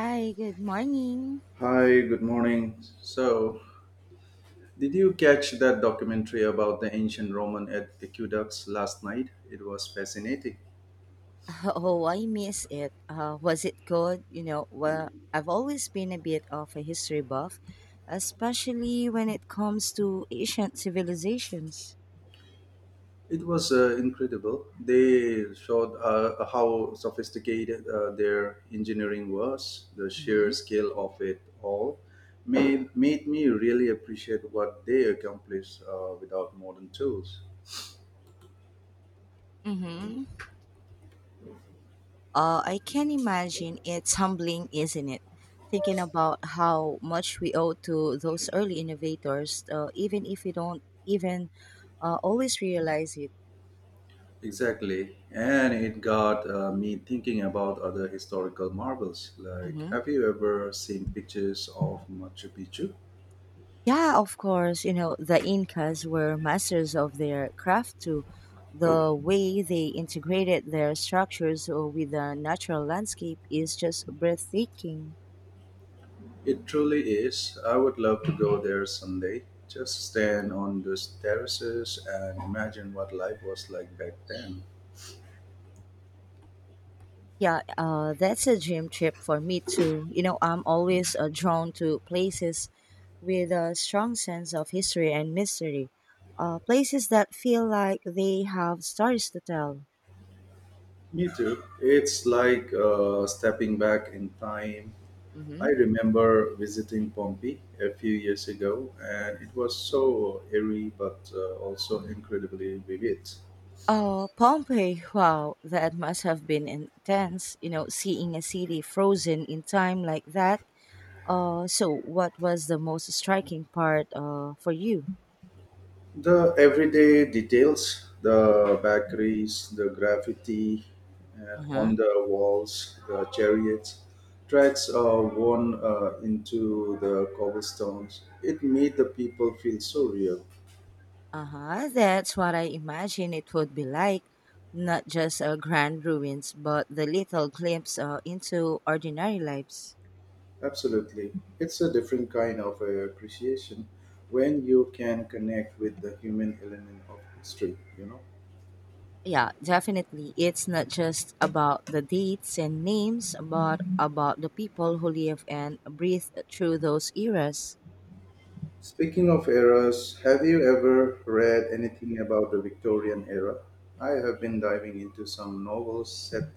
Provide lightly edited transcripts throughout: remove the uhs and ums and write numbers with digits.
Hi, good morning. Hi, good morning. So, did you catch that documentary about the ancient Roman aqueducts last night? It was fascinating. Oh, I miss it. Was it good? Well, I've always been a bit of a history buff, especially when it comes to ancient civilizations. It was incredible. They showed how sophisticated their engineering was. The sheer hmm scale of it all made me really appreciate what they accomplished without modern tools. Mm-hmm. I can imagine it's humbling, isn't it? Thinking about how much we owe to those early innovators, even if we don't even always realize it. Exactly. And it got me thinking about other historical marvels. Like, Mhm. have you ever seen pictures of Machu Picchu? Yeah, of course. You know, the Incas were masters of their craft too. The way they integrated their structures with the natural landscape is just breathtaking. It truly is. I would love to go there someday. Just stand on those terraces and imagine what life was like back then. Yeah, that's a dream trip for me too. You know, I'm always drawn to places with a strong sense of history and mystery, places that feel like they have stories to tell. Me too. It's like stepping back in time. I Mhm. remember visiting Pompeii a few years ago, and it was so eerie but also incredibly vivid. Oh, Pompeii. Wow, that must have been intense, you know, seeing a city frozen in time like that. So what was the most striking part for you? The everyday details, the bakeries, the graffiti on Uh-huh. the walls, the chariots, tracks are worn into the cobblestones. It made the people feel so real. Uh-huh. That's what I imagine it would be like. Not just grand ruins, but the little glimpse into ordinary lives. Absolutely. It's a different kind of appreciation when you can connect with the human element of history, you know? Yeah, definitely. It's not just about the dates and names, but about the people who live and breathe through those eras. Speaking of eras, have you ever read anything about the Victorian era? I have been diving into some novels set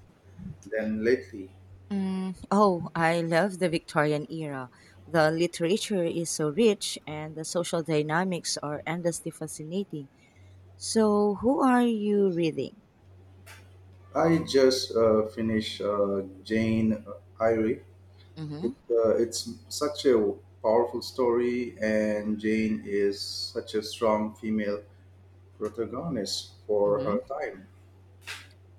then lately. Mm, oh, I love the Victorian era. The literature is so rich and the social dynamics are endlessly fascinating. So, who are you reading? I just finished Jane Eyre. hmm It's such a powerful story, and Jane is such a strong female protagonist for her hmm time.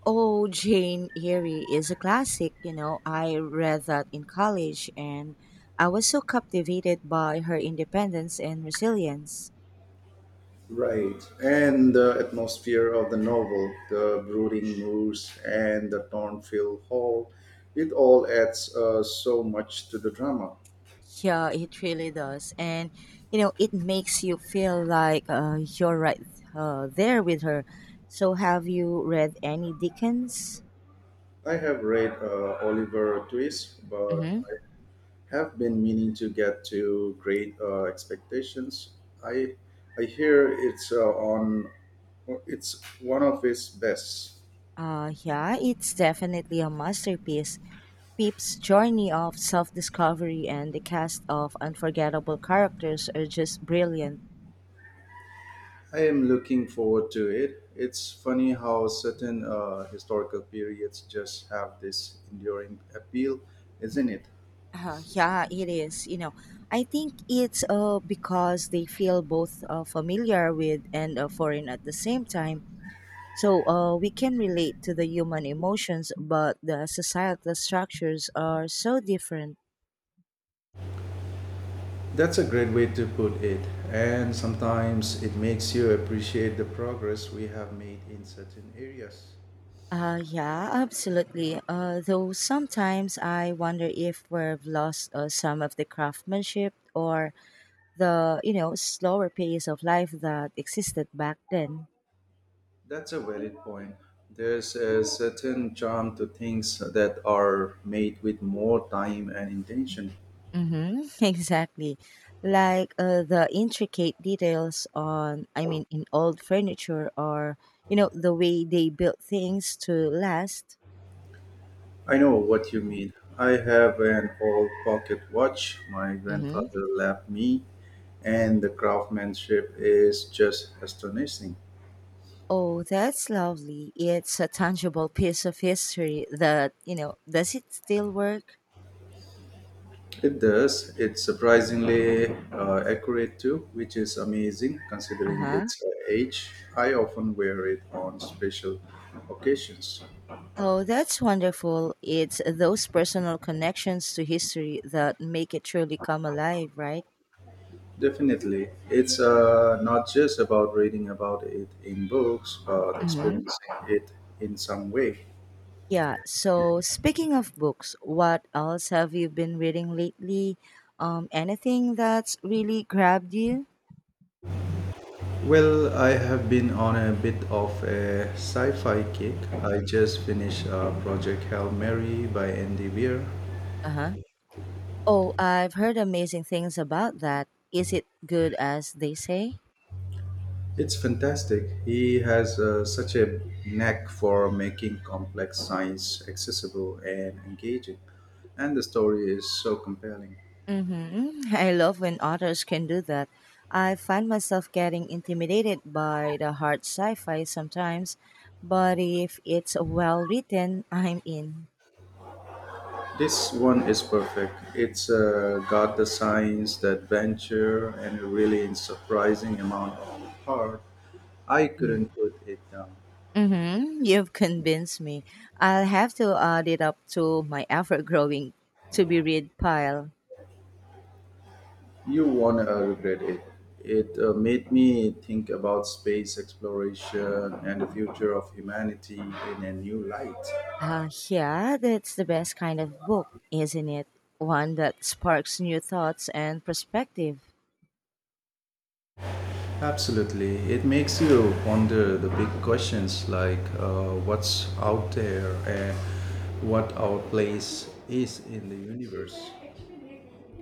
Oh, Jane Eyre is a classic. You know, I read that in college and I was so captivated by her independence and resilience. Right, and the atmosphere of the novel, the brooding moors and the Thornfield Hall, it all adds so much to the drama. Yeah, it really does. And, you know, it makes you feel like you're right there with her. So, have you read any Dickens? I have read Oliver Twist, but hmm I have been meaning to get to Great Expectations. I I hear it's on it's one of his best. yeah, it's definitely a masterpiece. Pip's journey of self discovery and the cast of unforgettable characters are just brilliant. I am looking forward to it. It's funny how certain historical periods just have this enduring appeal, isn't it? Yeah, it is. You know, I think it's because they feel both familiar with and foreign at the same time. We can relate to the human emotions, but the societal structures are so different. That's a great way to put it. And sometimes it makes you appreciate the progress we have made in certain areas. Yeah, absolutely. Though sometimes I wonder if we've lost some of the craftsmanship or the, you know, slower pace of life that existed back then. That's a valid point. There's a certain charm to things that are made with more time and intention. Mm-hmm, exactly. Like the intricate details on, I mean, in old furniture or, you know, the way they built things to last. I know what you mean. I have an old pocket watch my Mm-hmm. grandfather left me, and the craftsmanship is just astonishing. Oh, that's lovely. It's a tangible piece of history that, you know, does it still work? It does. It's surprisingly accurate too, which is amazing Uh considering huh. its age. I often wear it on special occasions. Oh, that's wonderful. It's those personal connections to history that make it truly come alive, right? Definitely. It's not just about reading about it in books, but hmm experiencing it in some way. Yeah. So, speaking of books, what else have you been reading lately? Anything that's really grabbed you? Well, I have been on a bit of a sci-fi kick. I just finished Project Hail Mary by Andy Weir. Uh huh. Oh, I've heard amazing things about that. Is it good as they say? It's fantastic. He has such a knack for making complex science accessible and engaging, and the story is so compelling. Mm-hmm. I love when authors can do that. I find myself getting intimidated by the hard sci fi sometimes, but if it's well written, I'm in. This one is perfect. It's got the science, the adventure, and a really surprising amount of heart. I Mm. couldn't put it down. Mm-hmm. You've convinced me. I'll have to add it up to my ever growing to be read pile. You won't regret it. It made me think about space exploration and the future of humanity in a new light. Yeah, that's the best kind of book, isn't it? One that sparks new thoughts and perspective. Absolutely. It makes you ponder the big questions like what's out there and what our place is in the universe.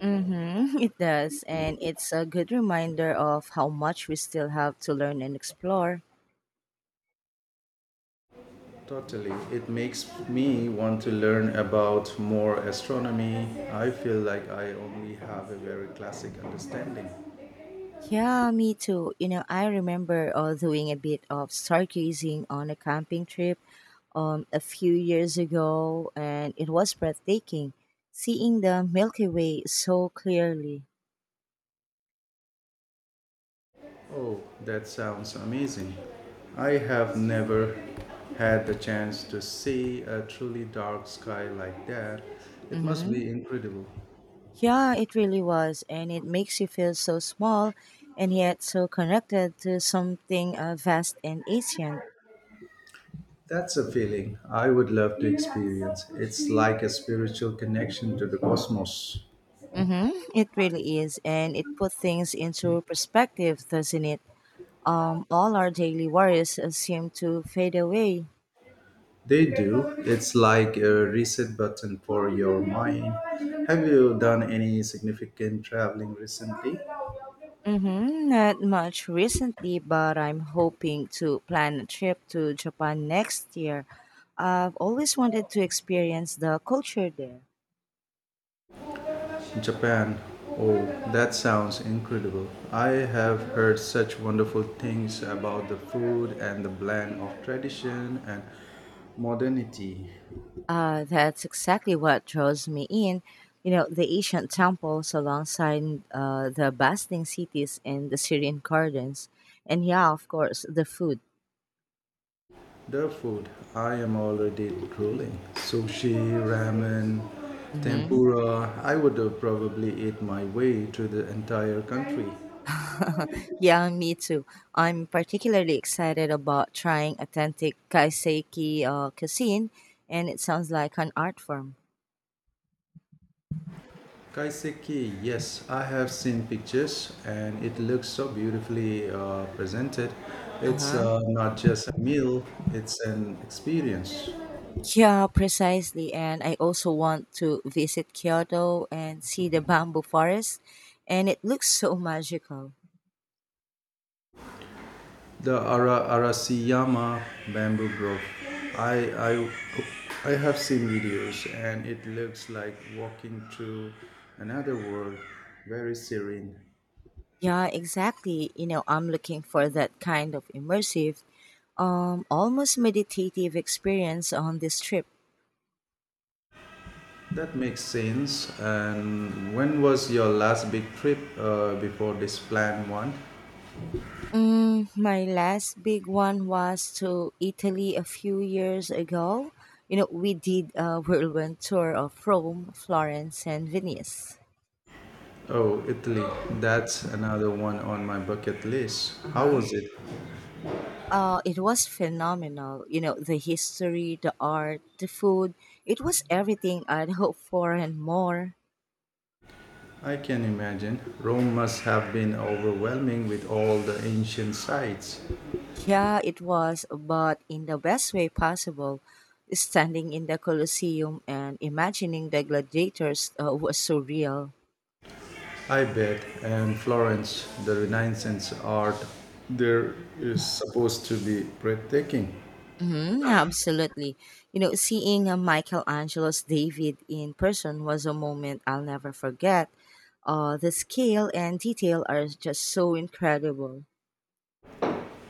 Mm-hmm, it does, and it's a good reminder of how much we still have to learn and explore. Totally. It makes me want to learn about more astronomy. I feel like I only have a very classic understanding. Yeah, me too. You know, I remember doing a bit of stargazing on a camping trip a few years ago, and it was breathtaking seeing the Milky Way so clearly. Oh, that sounds amazing. I have never had the chance to see a truly dark sky like that. It must Mm-hmm. be incredible. Yeah, it really was, and it makes you feel so small and yet so connected to something vast and ancient. That's a feeling I would love to experience. It's like a spiritual connection to the cosmos. Mm-hmm. It really is, and it puts things into perspective, doesn't it? All our daily worries seem to fade away. They do. It's like a reset button for your mind. Have you done any significant traveling recently? Mm-hmm. Not much recently, but I'm hoping to plan a trip to Japan next year. I've always wanted to experience the culture there. Japan. Oh, that sounds incredible. I have heard such wonderful things about the food and the blend of tradition and modernity. That's exactly what draws me in. You know, the ancient temples alongside the bustling cities and the Syrian gardens. And yeah, of course, the food. The food, I am already drooling. Sushi, ramen, Mhm. tempura. I would probably eat my way through the entire country. Yeah, me too. I'm particularly excited about trying authentic Kaiseki cuisine, and it sounds like an art form. Kaiseki, yes, I have seen pictures and it looks so beautifully presented. Uh It's huh. Not just a meal, it's an experience. Yeah, precisely. And I also want to visit Kyoto and see the bamboo forest, and it looks so magical. The Arasiyama bamboo grove, I, I, I have seen videos and it looks like walking through another world, very serene. Yeah, exactly. You know, I'm looking for that kind of immersive, almost meditative experience on this trip. That makes sense. And when was your last big trip before this planned one? Mm, my last big one was to Italy a few years ago. You know, we did a whirlwind tour of Rome, Florence, and Venice. Oh, Italy. That's another one on my bucket list. Uh How huh. was it? It was phenomenal. You know, the history, the art, the food. It was everything I'd hoped for and more. I can imagine. Rome must have been overwhelming with all the ancient sites. Yeah, it was, but in the best way possible. Standing in the Colosseum and imagining the gladiators was surreal. I bet. And Florence, the Renaissance art there is supposed to be breathtaking. Mm-hmm, absolutely. You know, seeing Michelangelo's David in person was a moment I'll never forget. The scale and detail are just so incredible.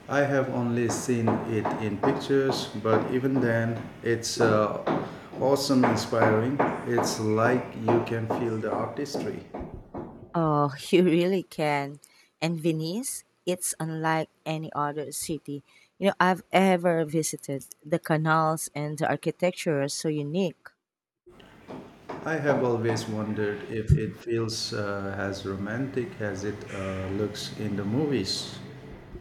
I have only seen it in pictures, but even then, it's awesome, inspiring. It's like you can feel the artistry. Oh, you really can. And Venice, it's unlike any other city, you know, I've ever visited. The canals and the architecture are so unique. I have always wondered if it feels as romantic as it looks in the movies.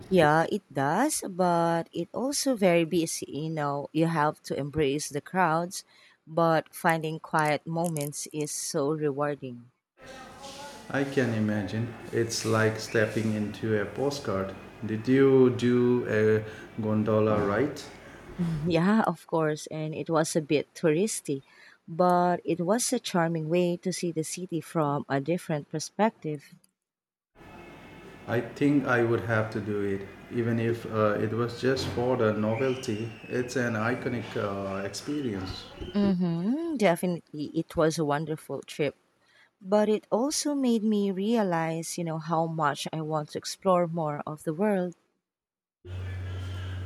Yeah, it does, but it also very busy. You know, you have to embrace the crowds, but finding quiet moments is so rewarding. I can imagine. It's like stepping into a postcard. Did you do a gondola ride? Mm, yeah, of course, and it was a bit touristy, but it was a charming way to see the city from a different perspective. I think I would have to do it, even if it was just for the novelty. It's an iconic experience. Mm-hmm, definitely, it was a wonderful trip, but it also made me realize, you know, how much I want to explore more of the world.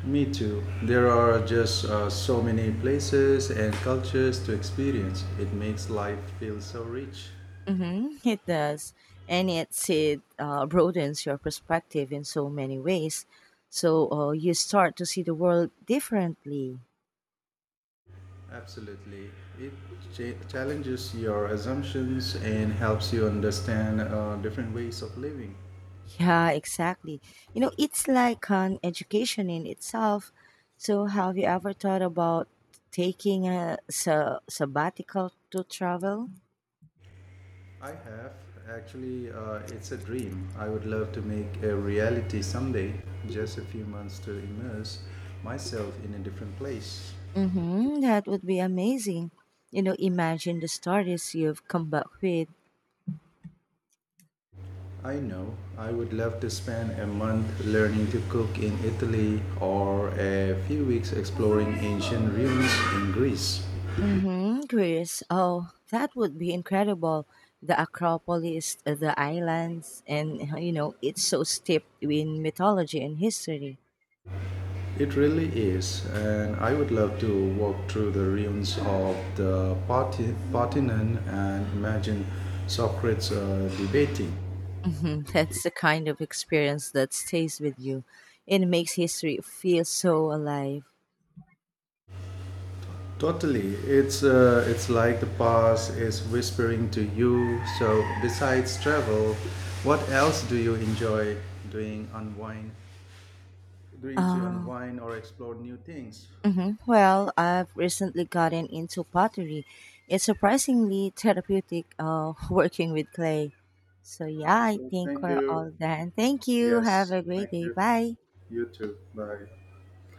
Me too. There are just so many places and cultures to experience. It makes life feel so rich. It does. And it broadens your perspective in so many ways. So you start to see the world differently. Absolutely. It challenges your assumptions and helps you understand different ways of living. Yeah, exactly. You know, it's like an education in itself. So, have you ever thought about taking a sabbatical to travel? I have actually, it's a dream. I would love to make a reality someday, just a few months to immerse myself in a different place. Mm-hmm, that would be amazing. You know, imagine the stories you've come back with. I know I would love to spend a month learning to cook in Italy or a few weeks exploring ancient ruins in Greece. Mm-hmm, Greece. Oh, that would be incredible. The Acropolis, the islands, and you know, it's so steeped in mythology and history. It really is, and I would love to walk through the ruins of the Parthenon and imagine Socrates debating. That's the kind of experience that stays with you. It makes history feel so alive. Totally, it's it's like the past is whispering to you. So, besides travel, what else do you enjoy doing? Unwind, doing to Uh, unwind or explore new things. Well, I've recently gotten into pottery. It's surprisingly therapeutic working with clay. So, yeah, I So, think thank we're you. all done. Thank you. Have Yes, a great thank day. you. Bye. You too. Bye.